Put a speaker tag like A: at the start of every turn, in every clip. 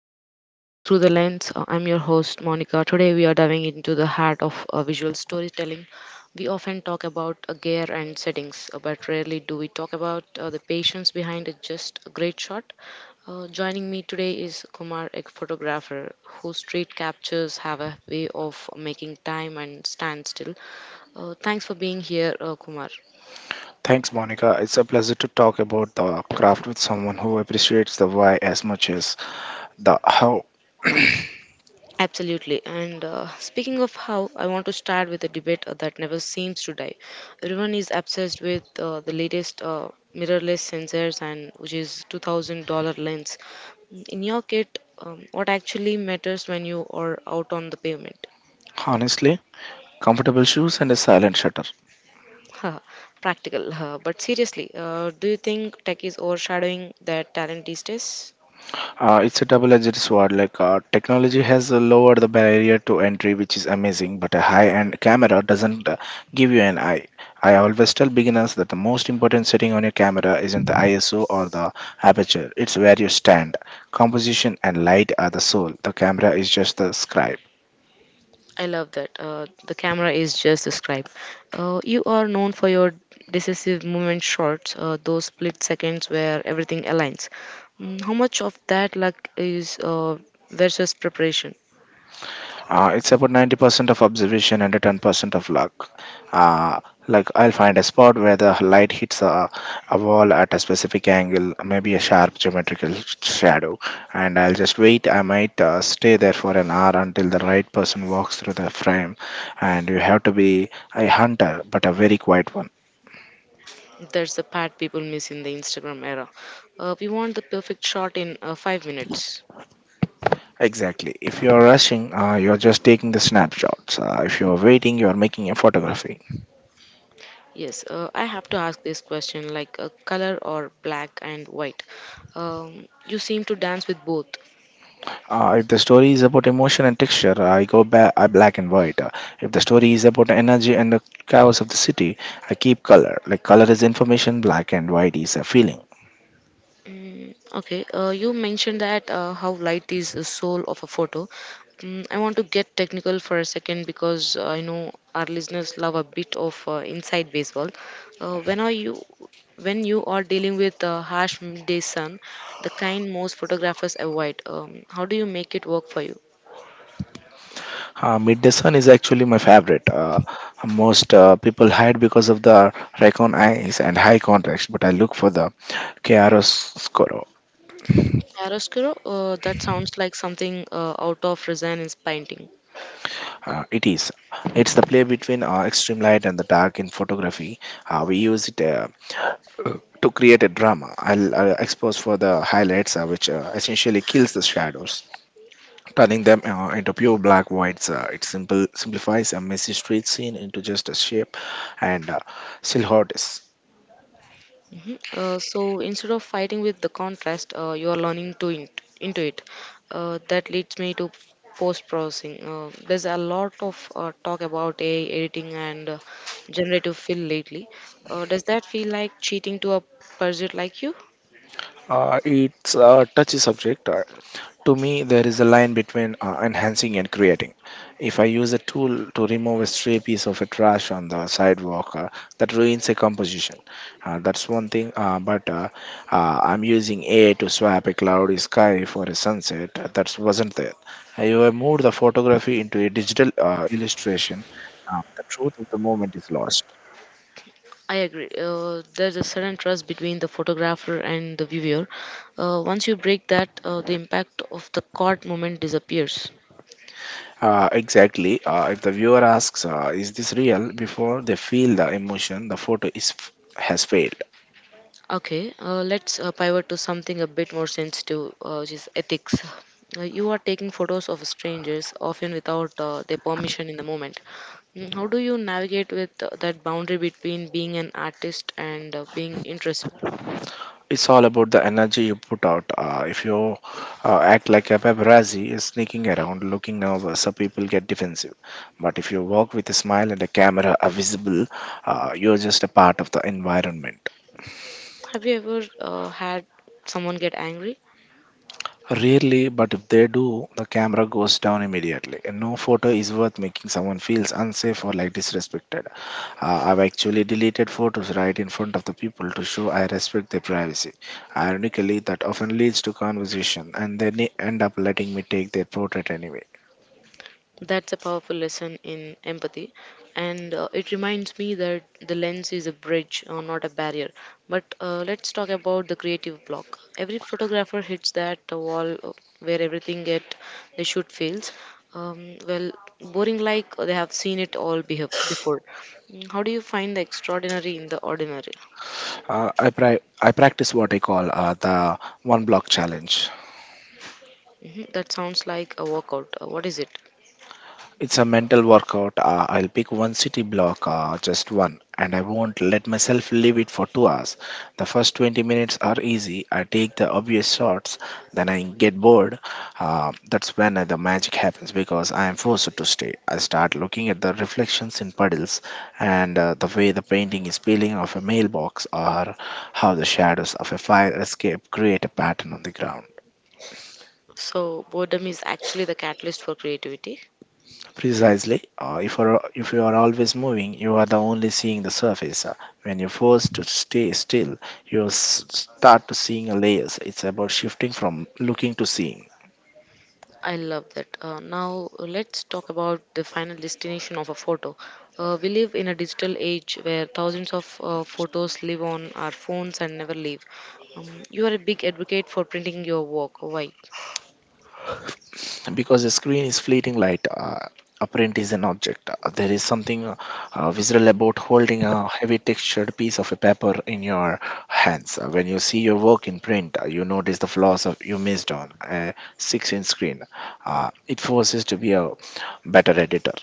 A: Welcome back to Through the Lens. I'm your host, Monica. Today, we are diving into the heart of visual storytelling. We often talk about gear and settings, but rarely do we talk about the patience behind a just a great shot. Joining me today is Kumar, a photographer whose street captures have a way of making time and stand still. Thanks for being here, Kumar.
B: Thanks, Monica. It's a pleasure to talk about the craft with someone who appreciates the why as much as the how.
A: Absolutely. And speaking of how, I want to start with a debate that never seems to die. Everyone is obsessed with the latest mirrorless sensors and which is $2,000 lens. In your kit, what actually matters when you are out on the pavement?
B: Honestly, comfortable shoes and a silent shutter.
A: Haha, practical. But seriously, do you think tech is overshadowing that talent these days?
B: It's a double edged sword. Technology has lowered the barrier to entry, which is amazing, but a high end camera doesn't give you an eye. I always tell beginners that the most important setting on your camera isn't the ISO or the aperture, it's where you stand. Composition and light are the soul, the camera is just the scribe.
A: I love that. The camera is just described. You are known for your decisive movement shots, those split seconds where everything aligns. Mm, how much of that luck is versus preparation?
B: It's about 90% of observation and 10% of luck. Uh, like I'll find a spot where the light hits a wall at a specific angle, maybe a sharp geometrical shadow, and I'll just wait. I might stay there for an hour until the right person walks through the frame, and you have to be a hunter, but a very quiet one.
A: That's the part people miss in the Instagram era. We want the perfect shot in 5 minutes.
B: Exactly. If you're rushing, you're just taking the snapshots. If you're waiting, you're making a photography.
A: Yes, I have to ask this question like color or black and white. You seem to dance with both.
B: If the story is about emotion and texture, I go back. I black and white. If the story is about energy and the chaos of the city, I keep color. Like color is information, black and white is a feeling.
A: Okay, you mentioned that how light is the soul of a photo. Mm, I want to get technical for a second because I know our listeners love a bit of inside baseball. Uh, when are you when you are dealing with harsh midday sun, the kind most photographers avoid, how do you make it work for you?
B: Midday Sun is actually my favorite. Most people hide because of the raycon eyes and high contrast, but I look for the chiaroscuro.
A: Chiaroscuro, that sounds like something out of Renaissance painting.
B: It is. It's the play between extreme light and the dark in photography. We use it. To create a drama. I'll expose for the highlights, which essentially kills the shadows, turning them into pure black whites. It simple simplifies a messy street scene into just a shape and silhouettes.
A: Mhm. So instead of fighting with the contrast, you are learning to into it. That leads me to post processing. There's a lot of talk about AI editing and generative fill lately. Does that feel like cheating to a pursuit like you?
B: It's a touchy subject. To me, there is a line between enhancing and creating. If I use a tool to remove a stray piece of a trash on the sidewalk, that ruins a composition. That's one thing. But I'm using AI to swap a cloudy sky for a sunset that wasn't there. I have moved the photography into a digital illustration. The truth of the moment is lost.
A: I agree. There's a certain trust between the photographer and the viewer. Once you break that, the impact of the caught moment disappears.
B: Exactly. If the viewer asks, "Is this real?" before they feel the emotion, the has failed.
A: Okay, let's pivot to something a bit more sensitive, which is ethics. You are taking photos of strangers, often without their permission in the moment. Mm, how do you navigate with that boundary between being an artist and being intrusive?
B: It's all about the energy you put out. If you act like a paparazzi, sneaking around, looking nervous, so people get defensive. But if you walk with a smile and a camera are visible, you're just a part of the environment.
A: Have you ever had someone get angry?
B: Rarely, but if they do, the camera goes down immediately. And no photo is worth making someone feels unsafe or like disrespected. I've actually deleted photos right in front of the people to show I respect their privacy. Ironically, that often leads to conversation, and they end up letting me take their portrait anyway.
A: That's a powerful lesson in empathy, and it reminds me that the lens is a bridge, not a barrier. But let's talk about the creative block. Every photographer hits that wall where everything that they shoot fails. Well, boring like they have seen it all before. Mm, how do you find the extraordinary in the ordinary?
B: Uh, I pri- I practice what I call the one block challenge.
A: Hmm, that sounds like a workout. What is it?
B: It's a mental workout. I'll pick one city block, just one, and I won't let myself leave it for 2 hours. The first 20 minutes are easy. I take the obvious shots, then I get bored. That's when the magic happens because I am forced to stay. I start looking at the reflections in puddles and the way the painting is peeling off a mailbox or how the shadows of a fire escape create a pattern on the ground.
A: So, boredom is actually the catalyst for creativity.
B: Precisely. If you are always moving, you are the only seeing the surface. When you're forced to stay still, you start to seeing a layers. It's about shifting from looking to seeing.
A: I love that. Now let's talk about the final destination of a photo. We live in a digital age where thousands of photos live on our phones and never leave. You are a big advocate for printing your work. Why?
B: Because the screen is fleeting light, apparent is an object. There is something visceral about holding a heavy textured piece of a paper in your hands. When you see your work in print, you notice the flaws of you missed on a 6-inch screen. It forces to be a better editor.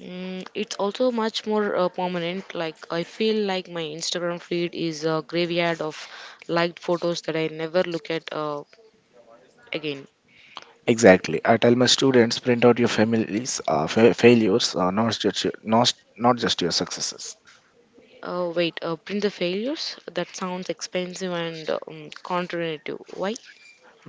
A: Mm, it's also much more permanent. Like, I feel like my Instagram feed is a graveyard of liked photos that I never look at again.
B: Exactly. I tell my students print out your families failures, not just your successes.
A: Wait, print the failures? That sounds expensive and counterintuitive. Why?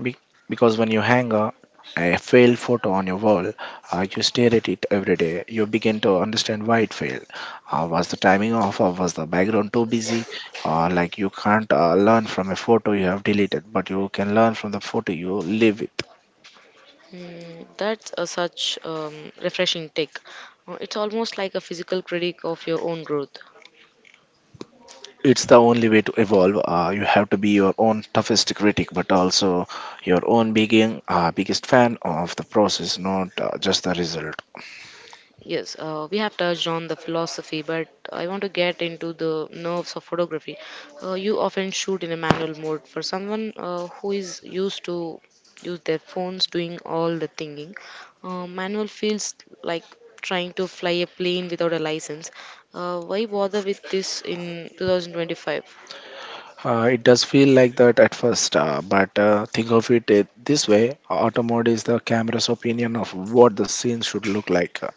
B: Be- because when you hang a failed photo on your wall, you stare at it every day. You begin to understand why it failed. Was the timing off, or was the background too busy? You can't learn from a photo you have deleted, but you can learn from the photo you live with.
A: Mm, that's a such refreshing take. It's almost like a physical critic of your own growth.
B: It's the only way to evolve. You have to be your own toughest critic, but also your own biggest fan of the process, not just the result.
A: Yes, we have touched on the philosophy, but I want to get into the nerves of photography. You often shoot in a manual mode. For someone who is used to use their phones doing all the thinking, manual feels like trying to fly a plane without a license. Why bother with this in 2025?
B: It does feel like that at first, but think of it this way: auto mode is the camera's opinion of what the scene should look like.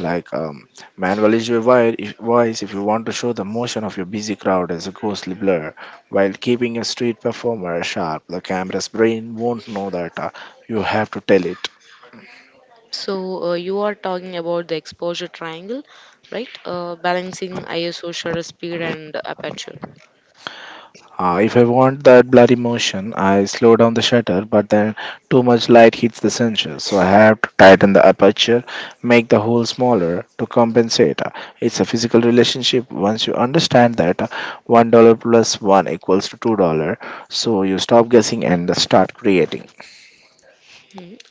B: like um, Manual is your voice if you want to show the motion of your busy crowd as a ghostly blur, while keeping a street performer sharp. The camera's brain won't know that you have to tell it.
A: So you are talking about the exposure triangle, right? Balancing ISO shutter speed and aperture.
B: If I want that bloody motion, I slow down the shutter, but then too much light hits the sensor, so I have to tighten the aperture, make the hole smaller to compensate. It's a physical relationship. Once you understand that $1 plus one equals to $2, so you stop guessing and start creating.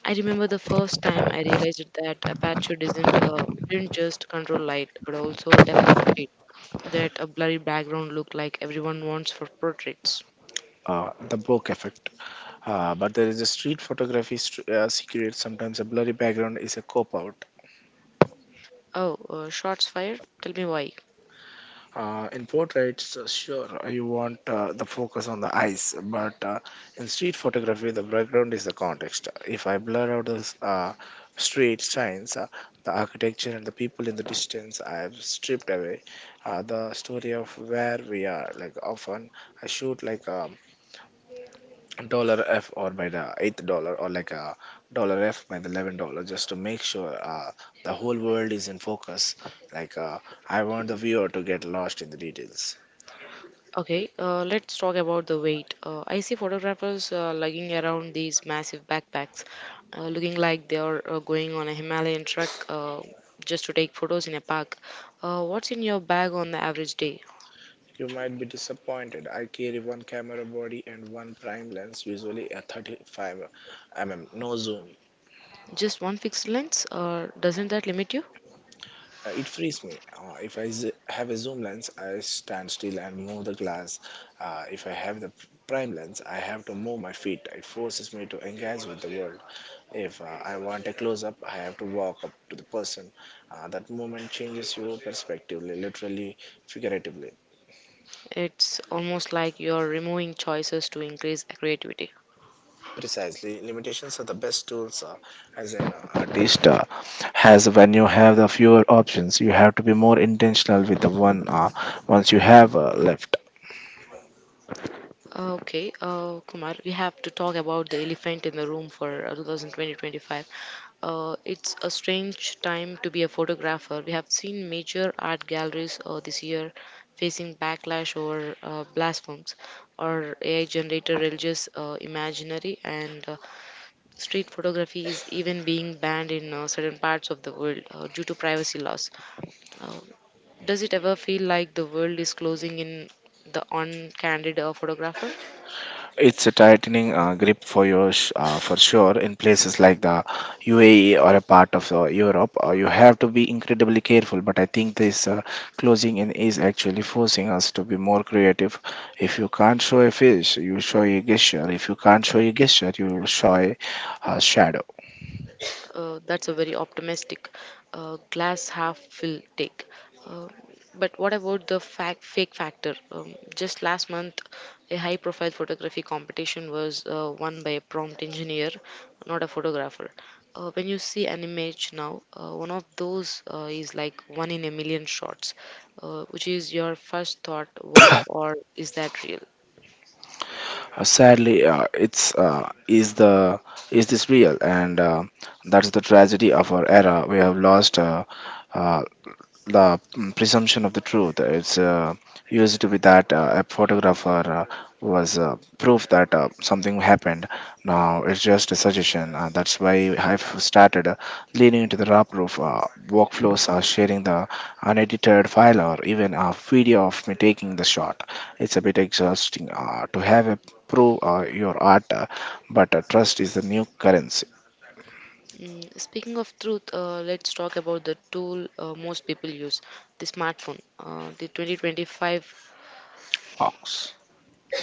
A: I remember the first time I realized that aperture doesn't didn't just control light, but also depth of field. That a blurry background look like everyone wants for portraits.
B: The bokeh effect. But there is a street photography secret. Sometimes a blurry background is a cop out.
A: Oh, shots fired. Tell me why.
B: In portraits, sure, you want the focus on the eyes, but in street photography, the background is the context. If I blur out the street signs, the architecture and the people in the distance, I have stripped away the story of where we are. Like often, I shoot like a dollar F or by the eighth dollar or like a dollar F by the $11 just to make sure the whole world is in focus. Like uh, I want the viewer to get lost in the details.
A: Okay, let's talk about the weight. I see photographers lugging around these massive backpacks, looking like they are going on a Himalayan trek just to take photos in a park. What's in your bag on the average day?
B: You might be disappointed. I carry one camera body and one prime lens, usually a 35 mm, no zoom.
A: Just one fixed lens? Or doesn't that limit you?
B: It frees me. Uh, if I have a zoom lens, I stand still and move the glass. If I have the prime lens, I have to move my feet. It forces me to engage with the world. If I want a close up, I have to walk up to the person. That moment changes your perspective, literally, figuratively.
A: It's almost like you're removing choices to increase creativity.
B: Precisely, limitations are the best tools as an artist has when you have the fewer options. You have to be more intentional with the one once you have left.
A: Okay, Kumar, we have to talk about the elephant in the room for 2020. It's a strange time to be a photographer. We have seen major art galleries this year facing backlash over blasphemous or AI-generated religious imaginary, and street photography is even being banned in certain parts of the world due to privacy laws. Uh, does it ever feel like the world is closing in the on-candid photographer?
B: It's a tightening grip for sure in places like the UAE or a part of Europe. You have to be incredibly careful. But I think this closing in is actually forcing us to be more creative. If you can't show a face, you show a gesture. If you can't show a gesture, you show a shadow.
A: That's a very optimistic glass half full take. Uh, but what about the fac fake factor? Just last month, a high profile photography competition was won by a prompt engineer, not a photographer. When you see an image now, one of those is like one in a million shots, which is your first thought, wow, or is that real?
B: Sadly, it's is the is this real? And That's the tragedy of our era. We have lost uh, presumption of the truth. It's used to be that a photographer was proof that something happened. Now it's just a suggestion. That's why I've started leaning into the raw proof. Workflows are sharing the unedited file or even a video of me taking the shot. It's a bit exhausting to have a prove your art, but trust is the new currency.
A: Mm, speaking of truth, let's talk about the tool most people use, the smartphone. Uh, the 2025,
B: Ox.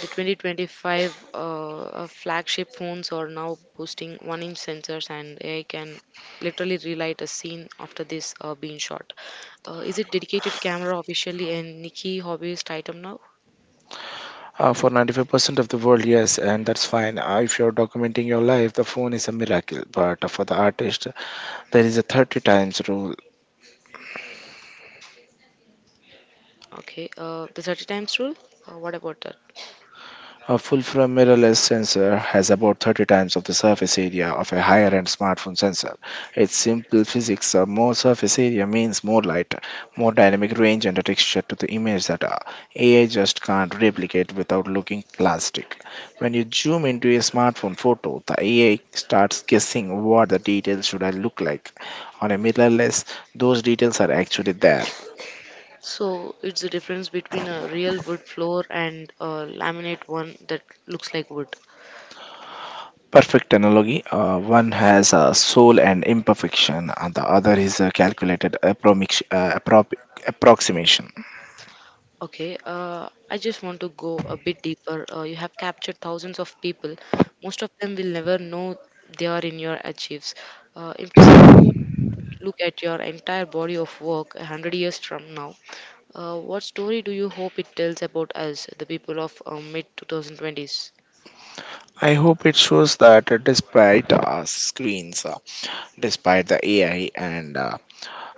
A: the 2025 flagship phones are now boasting one-inch sensors, and AI can literally relight a scene after this being shot. Is it dedicated camera officially and Nikki hobbyist item now?
B: For 95% of the world, yes, and that's fine. If you're documenting your life, the phone is a miracle. But for the artist, there is a 30 times rule.
A: Okay, the 30 times rule. What about that?
B: A full-frame mirrorless sensor has about 30 times of the surface area of a higher-end smartphone sensor. Its simple physics of more surface area means more light, more dynamic range and a texture to the image that AI just can't replicate without looking plastic. When you zoom into a smartphone photo, the AI starts guessing what the details should I look like. On a mirrorless, those details are actually there.
A: So it's the difference between a real wood floor and a laminate one that looks like wood.
B: Perfect analogy. One has a soul and imperfection, and the other is a calculated approximation. Approximation.
A: Okay, I just want to go a bit deeper. You have captured thousands of people. Most of them will never know they are in your achieves. If someone were to look at your entire body of work 100 years from now, what story do you hope it tells about us, the people of mid 2020s?
B: I hope it shows that despite screens, despite the AI and uh,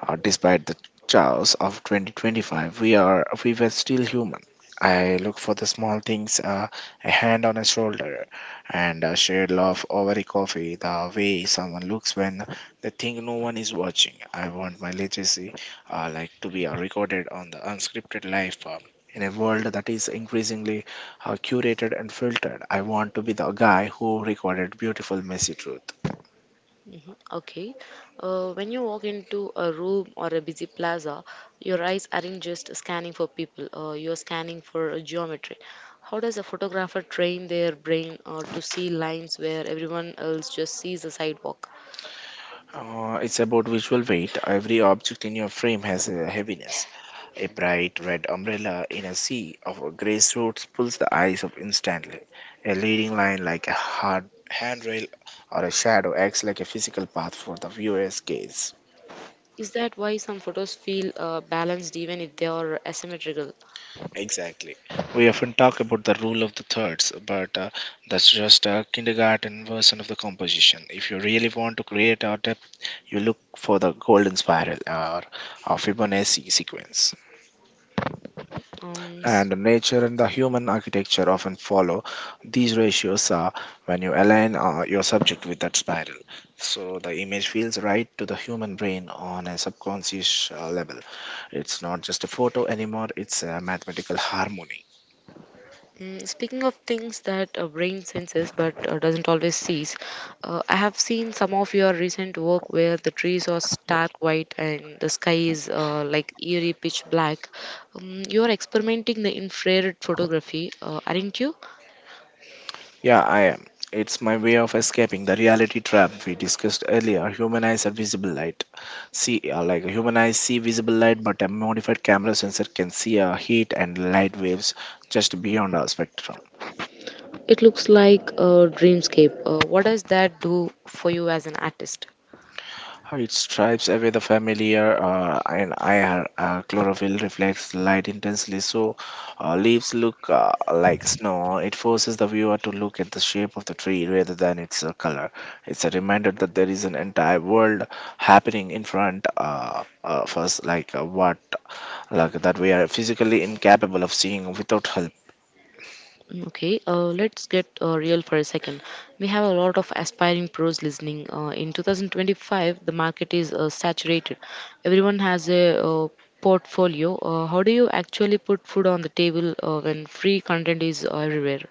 B: Uh, despite the chaos of 2025, we were still human. I look for the small things, a hand on a shoulder, and a shared laugh over a coffee. The way someone looks when they think no one is watching. I want my legacy, to be recorded on the unscripted life. In a world that is increasingly curated and filtered, I want to be the guy who recorded beautiful, messy truth.
A: Okay. When you walk into a room or a busy plaza, your eyes aren't just scanning for people, you're scanning for a geometry. How does a photographer train their brain to see lines where everyone else just sees a sidewalk?
B: It's about visual weight. Every object in your frame has a heaviness. A bright red umbrella in a sea of grey suits pulls the eyes up instantly. A leading line like a hard handrail or a shadow acts like a physical path for the viewer's gaze.
A: Is that why some photos feel balanced even if they are asymmetrical?
B: Exactly. We often talk about the rule of the thirds, but that's just a kindergarten version of the composition. If you really want to create art depth, you look for the golden spiral or Fibonacci sequence.
A: Um,
B: And nature and the human architecture often follow these ratios when you align your subject with that spiral so the image feels right to the human brain on a subconscious level. It's not just a photo anymore, it's a mathematical harmony.
A: Mm, speaking of things that a brain senses but doesn't always sees, I have seen some of your recent work where the trees are stark white and the sky is like eerie pitch black. You are experimenting the infrared photography, aren't you?
B: Yeah, I am. It's my way of escaping the reality trap we discussed earlier. Human eyes see visible light, but a modified camera sensor can see heat and light waves just beyond our spectrum.
A: It looks like a dreamscape. What does that do for you as an artist?
B: How It stripes away the familiar, and IR chlorophyll reflects light intensely, so leaves look like snow. It forces the viewer to look at the shape of the tree rather than its color. It's a reminder that there is an entire world happening in front of us, like what, like that we are physically incapable of seeing without help.
A: Okay, let's get real for a second. We have a lot of aspiring pros listening. In 2025, the market is saturated. Everyone has a portfolio. How do you actually put food on the table when free content is everywhere?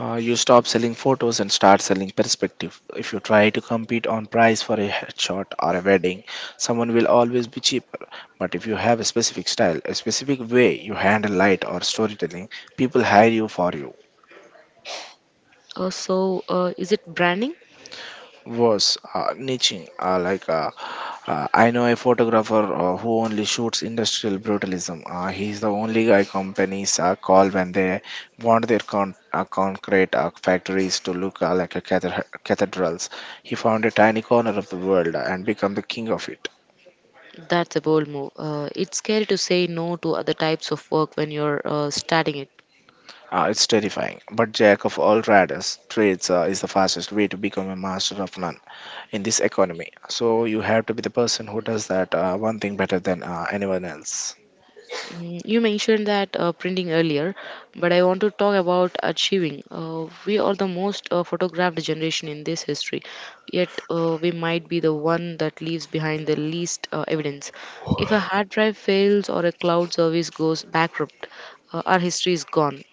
B: You stop selling photos and start selling perspective. If you try to compete on price for a headshot or a wedding, someone will always be cheaper. But if you have a specific style, a specific way you handle light or storytelling, people hire you for you.
A: So, is it branding?
B: Was niche like I know a photographer who only shoots industrial brutalism. He's the only guy companies call when they want their concrete factories to look like cathedrals. He found a tiny corner of the world and become the king of it.
A: That's a bold move. It's scary to say no to other types of work when you're starting it.
B: It's terrifying, but Jack of all trades is the fastest way to become a master of none in this economy. So you have to be the person who does that one thing better than anyone else.
A: Mm, you mentioned that printing earlier, but I want to talk about achieving. We are the most photographed generation in this history, yet we might be the one that leaves behind the least evidence. If a hard drive fails or a cloud service goes bankrupt, our history is gone.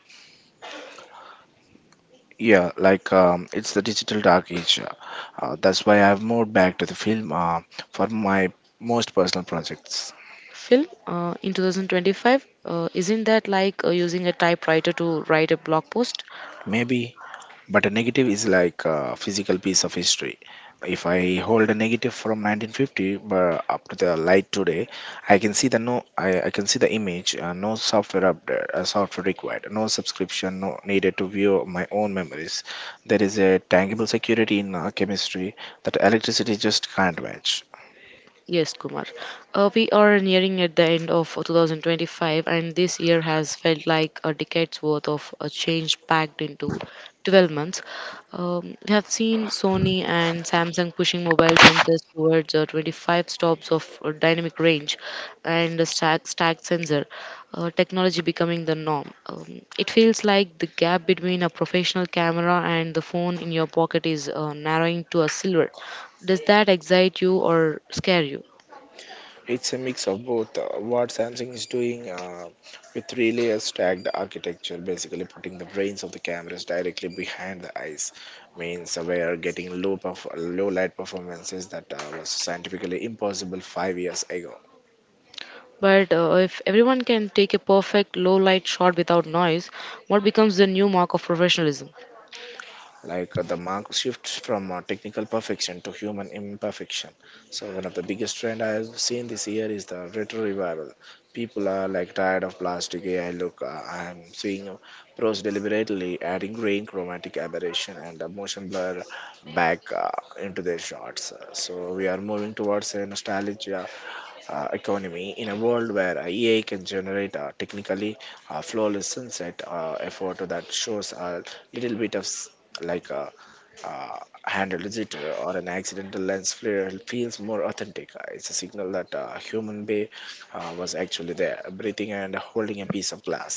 B: It's the digital dark age. That's why I've moved back to the film for my most personal projects.
A: Film in 2025, isn't that like using a typewriter to write a blog post?
B: Maybe, but a negative is like a physical piece of history. If I hold a negative from 1950 but up to the light today, I can see the image. No software update, software required, no subscription, no needed to view my own memories. There is a tangible security in chemistry that electricity just can't match.
A: Yes, Kumar. We are nearing at the end of 2025, and this year has felt like a decade's worth of a change packed into 12 months. We have seen Sony and Samsung pushing mobile sensors towards 25 stops of dynamic range and a stacked sensor, technology becoming the norm. It feels like the gap between a professional camera and the phone in your pocket is narrowing to a silver. Does that excite you or scare you?
B: It's a mix of both. What Samsung is doing with three layer stacked architecture, basically putting the brains of the cameras directly behind the eyes, means we are getting low light performances that was scientifically impossible 5 years ago.
A: But if everyone can take a perfect low light shot without noise, what becomes the new mark of professionalism?
B: The mark shifts from technical perfection to human imperfection. So one of the biggest trend I've seen this year is the retro revival. People are like tired of plastic AI look. I'm seeing pros deliberately adding grain, chromatic aberration and motion blur back into their shots. So we are moving towards a nostalgia economy in a world where AI can generate technically flawless sunset. A photo that shows a little bit of s- like a uh, handled jitter or an accidental lens flare feels more authentic. It's a signal that a human being was actually there, breathing and holding a piece of glass.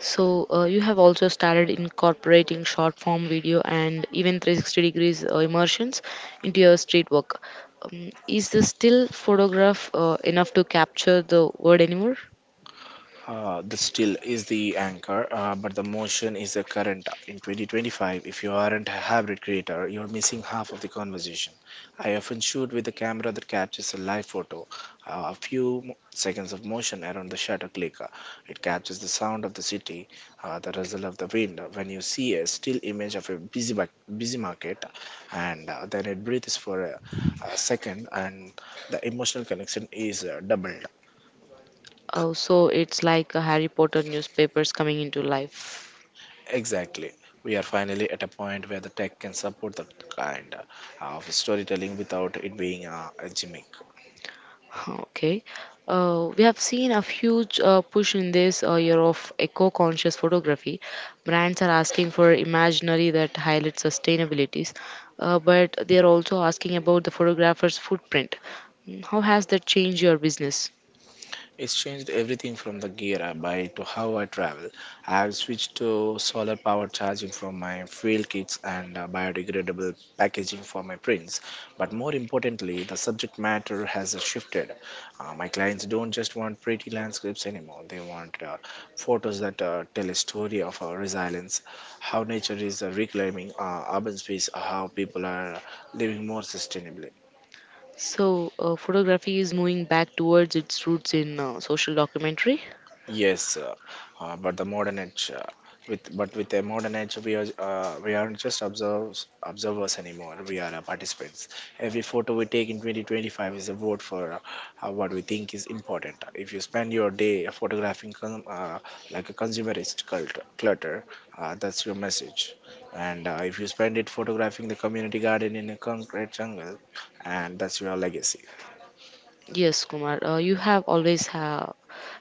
A: So, you have also started incorporating short form video and even 360 degrees immersions into your street work. Is the still photograph enough to capture the word anymore?
B: The still is the anchor, but the motion is the current. In 2025, if you aren't a hybrid creator, you're missing half of the conversation. I often shoot with a camera that captures a live photo, a few seconds of motion around the shutter clicker. It captures the sound of the city, the rustle of the wind. When you see a still image of a busy market, and then it breathes for a second, and the emotional connection is doubled.
A: So, it's like a Harry Potter newspapers coming into life.
B: Exactly. We are finally at a point where the tech can support the kind of storytelling without it being a gimmick.
A: Okay. We have seen a huge push in this year of eco-conscious photography. Brands are asking for imaginary that highlight sustainabilities, but they are also asking about the photographer's footprint. How has that changed your business?
B: It's changed everything from the gear I buy to how I travel. I've switched to solar power charging from my field kits and biodegradable packaging for my prints. But more importantly, the subject matter has shifted. My clients don't just want pretty landscapes anymore, they want photos that tell a story of our resilience, how nature is reclaiming urban space, how people are living more sustainably.
A: Photography is moving back towards its roots in social documentary.
B: Yes, but the modern age, with the modern age, we aren't just observers anymore. We are participants. Every photo we take in 2025 is a vote for what we think is important. If you spend your day photographing a consumerist clutter, that's your message. And if you spend it photographing the community garden in a concrete jungle, and that's your legacy.
A: Yes, Kumar, you have always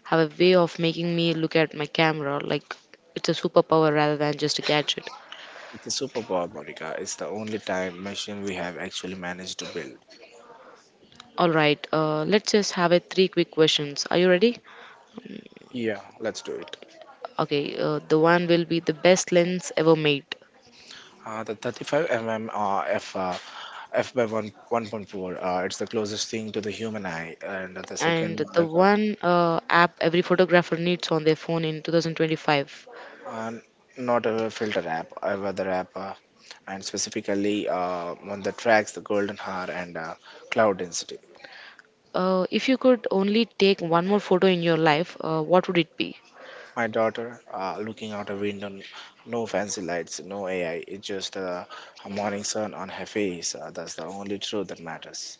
A: have a way of making me look at my camera like it's a superpower rather than just a gadget.
B: It's a superpower, Monica. It's the only time machine we have actually managed to build.
A: All right, let's just have a three quick questions. Are you ready?
B: Yeah, let's do it.
A: Okay, the one will be the best lens ever made,
B: The 35 mm f f by one 1.4. It's the closest thing to the human eye, and the
A: and
B: second
A: the
B: like a
A: one app every photographer needs on their phone in 2025.
B: uh, not a filter app, a weather app, and specifically one that tracks the golden hour and cloud density.
A: If you could only take one more photo in your life, what would it be?
B: My daughter looking out a window, no fancy lights, no AI. It's just a morning sun on her face. That's the only truth that matters.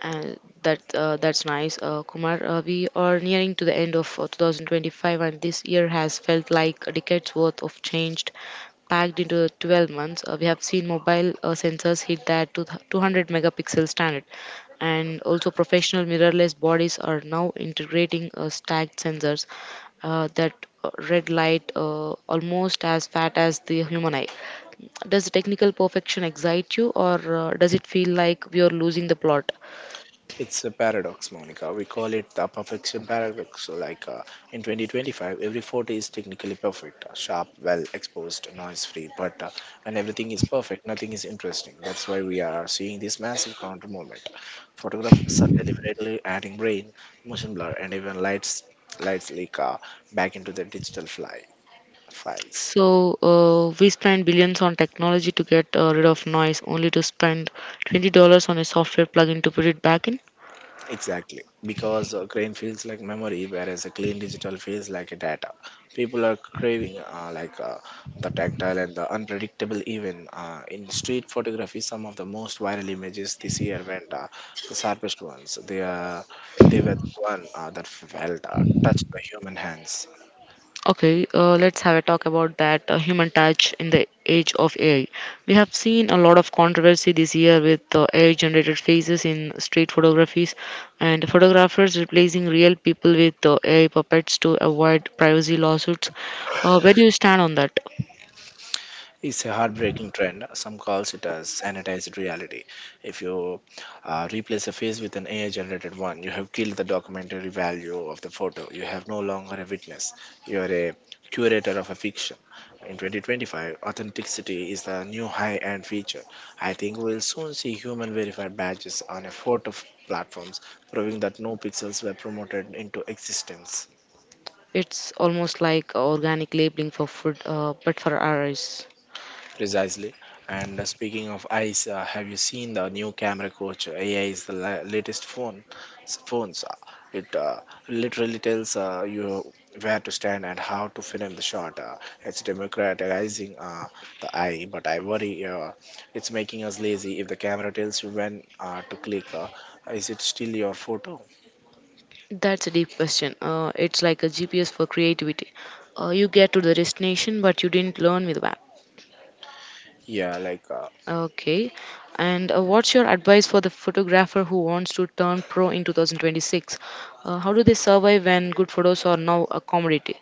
A: And that's nice, Kumar. We are nearing to the end of 2025, and this year has felt like a decade's worth of change packed into 12 months. We have seen mobile sensors hit that two 200 megapixel standard, and also professional mirrorless bodies are now integrating stacked sensors that red light almost as fat as the human eye. Does technical perfection excite you, or does it feel like we are losing the plot?
B: It's a paradox, Monica. We call it the perfection paradox. In 2025, every photo is technically perfect, sharp, well exposed, noise free. But when everything is perfect, nothing is interesting. That's why we are seeing this massive counter movement. Photographers are deliberately adding brain, motion blur, and even lights leak back into the digital files.
A: So we spend billions on technology to get rid of noise, only to spend $20 on a software plugin to put it back in.
B: Exactly, because a grain feels like memory, whereas a clean digital feels like a data. People are craving the tactile and the unpredictable. Even in street photography, some of the most viral images this year went the sharpest ones. They were the one that felt touched by human hands.
A: Okay, let's have a talk about that human touch in the age of AI. We have seen a lot of controversy this year with AI-generated faces in street photographies and photographers replacing real people with AI puppets to avoid privacy lawsuits. Where do you stand on that?
B: It's a heartbreaking trend. Some calls it as sanitized reality. If you replace a face with an AI generated one, you have killed the documentary value of the photo. You have no longer a witness. You are a curator of a fiction. In 2025, authenticity is the new high end feature. I think we'll soon see human verified badges on a photo platforms proving that no pixels were promoted into existence.
A: It's almost like organic labeling for food, but for our eyes.
B: Precisely. And speaking of eyes, have you seen the new camera coach? AI is the latest Phones. It literally tells you where to stand and how to film the shot. It's democratizing the eye, but I worry it's making us lazy. If the camera tells you when to click, is it still your photo?
A: That's a deep question. It's like a GPS for creativity. You get to the destination, but you didn't learn with the map.
B: Yeah, like. Uh,
A: Okay. And what's your advice for the photographer who wants to turn pro in 2026? How do they survive when good photos are now a commodity?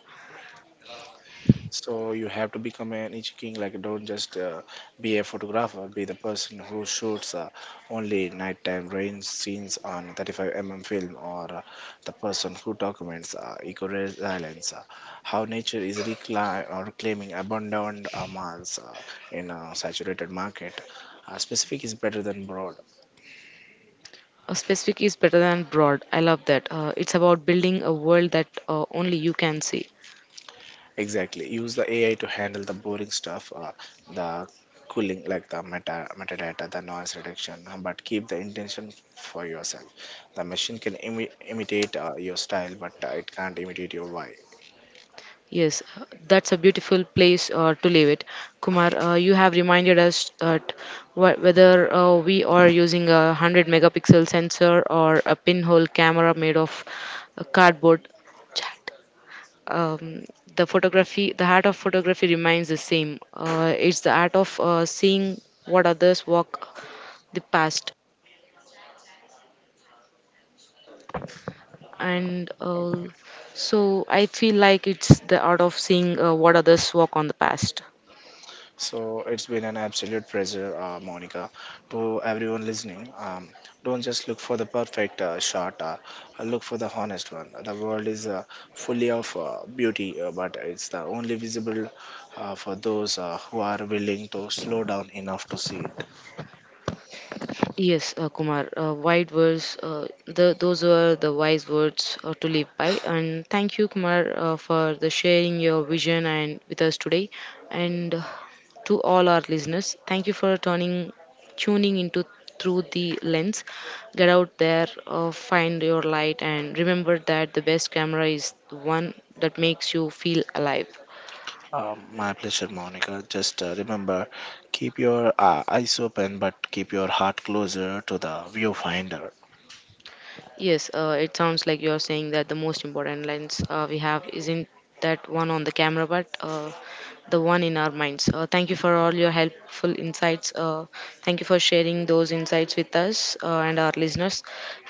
B: So you have to become an each king. Like don't just be a photographer. Be the person who shoots only nighttime rain scenes on 35 mm film, or the person who documents eco resilience, how nature is reclaiming or claiming abandoned malls in a saturated market. Specific is better than broad.
A: A specific is better than broad. I love that. It's about building a world that only you can see.
B: Exactly. Use the AI to handle the boring stuff, the cooling, like the metadata, the noise reduction, but keep the intention for yourself. The machine can imitate your style, but it can't imitate your why.
A: Yes, that's a beautiful place to leave it. Kumar, you have reminded us that whether we are using a 100 megapixel sensor or a pinhole camera made of cardboard chat. Um, the photography, the art of photography remains the same. It's the art of seeing what others walk the past and so I feel like it's the art of seeing what others walk on the past.
B: So it's been an absolute pleasure, Monica. To everyone listening, don't just look for the perfect shot, look for the honest one. The world is fully of beauty, but it's the only visible for those who are willing to slow down enough to see it.
A: Yes, Kumar, wise words, the, those were the wise words to live by. And thank you, Kumar, for the sharing your vision and with us today. And To all our listeners, thank you for tuning into through the lens. Get out there, find your light, and remember that the best camera is the one that makes you feel alive.
B: My pleasure, Monica. Just remember, keep your eyes open, but keep your heart closer to the viewfinder.
A: Yes, it sounds like you're saying that the most important lens we have isn't that one on the camera, but the one in our minds. Thank you for all your helpful insights. Thank you for sharing those insights with us and our listeners.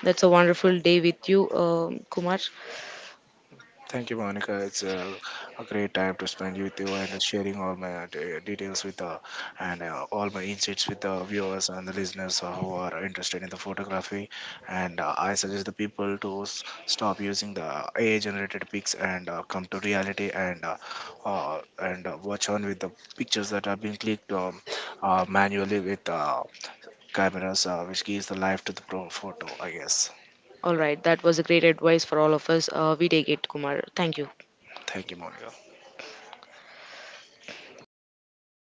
A: That's a wonderful day with you, Kumar.
B: Thank you, Monica. It's a great time to spend with you and sharing all my details with the and all my insights with the viewers and the listeners who are interested in the photography. And I suggest the people to stop using the AI-generated pics and come to reality and watch on with the pictures that are being clicked manually with cameras, which gives the life to the pro photo. I guess.
A: All right, that was a great advice for all of us. We take it, Kumar. Thank you.
B: Thank you, Monica.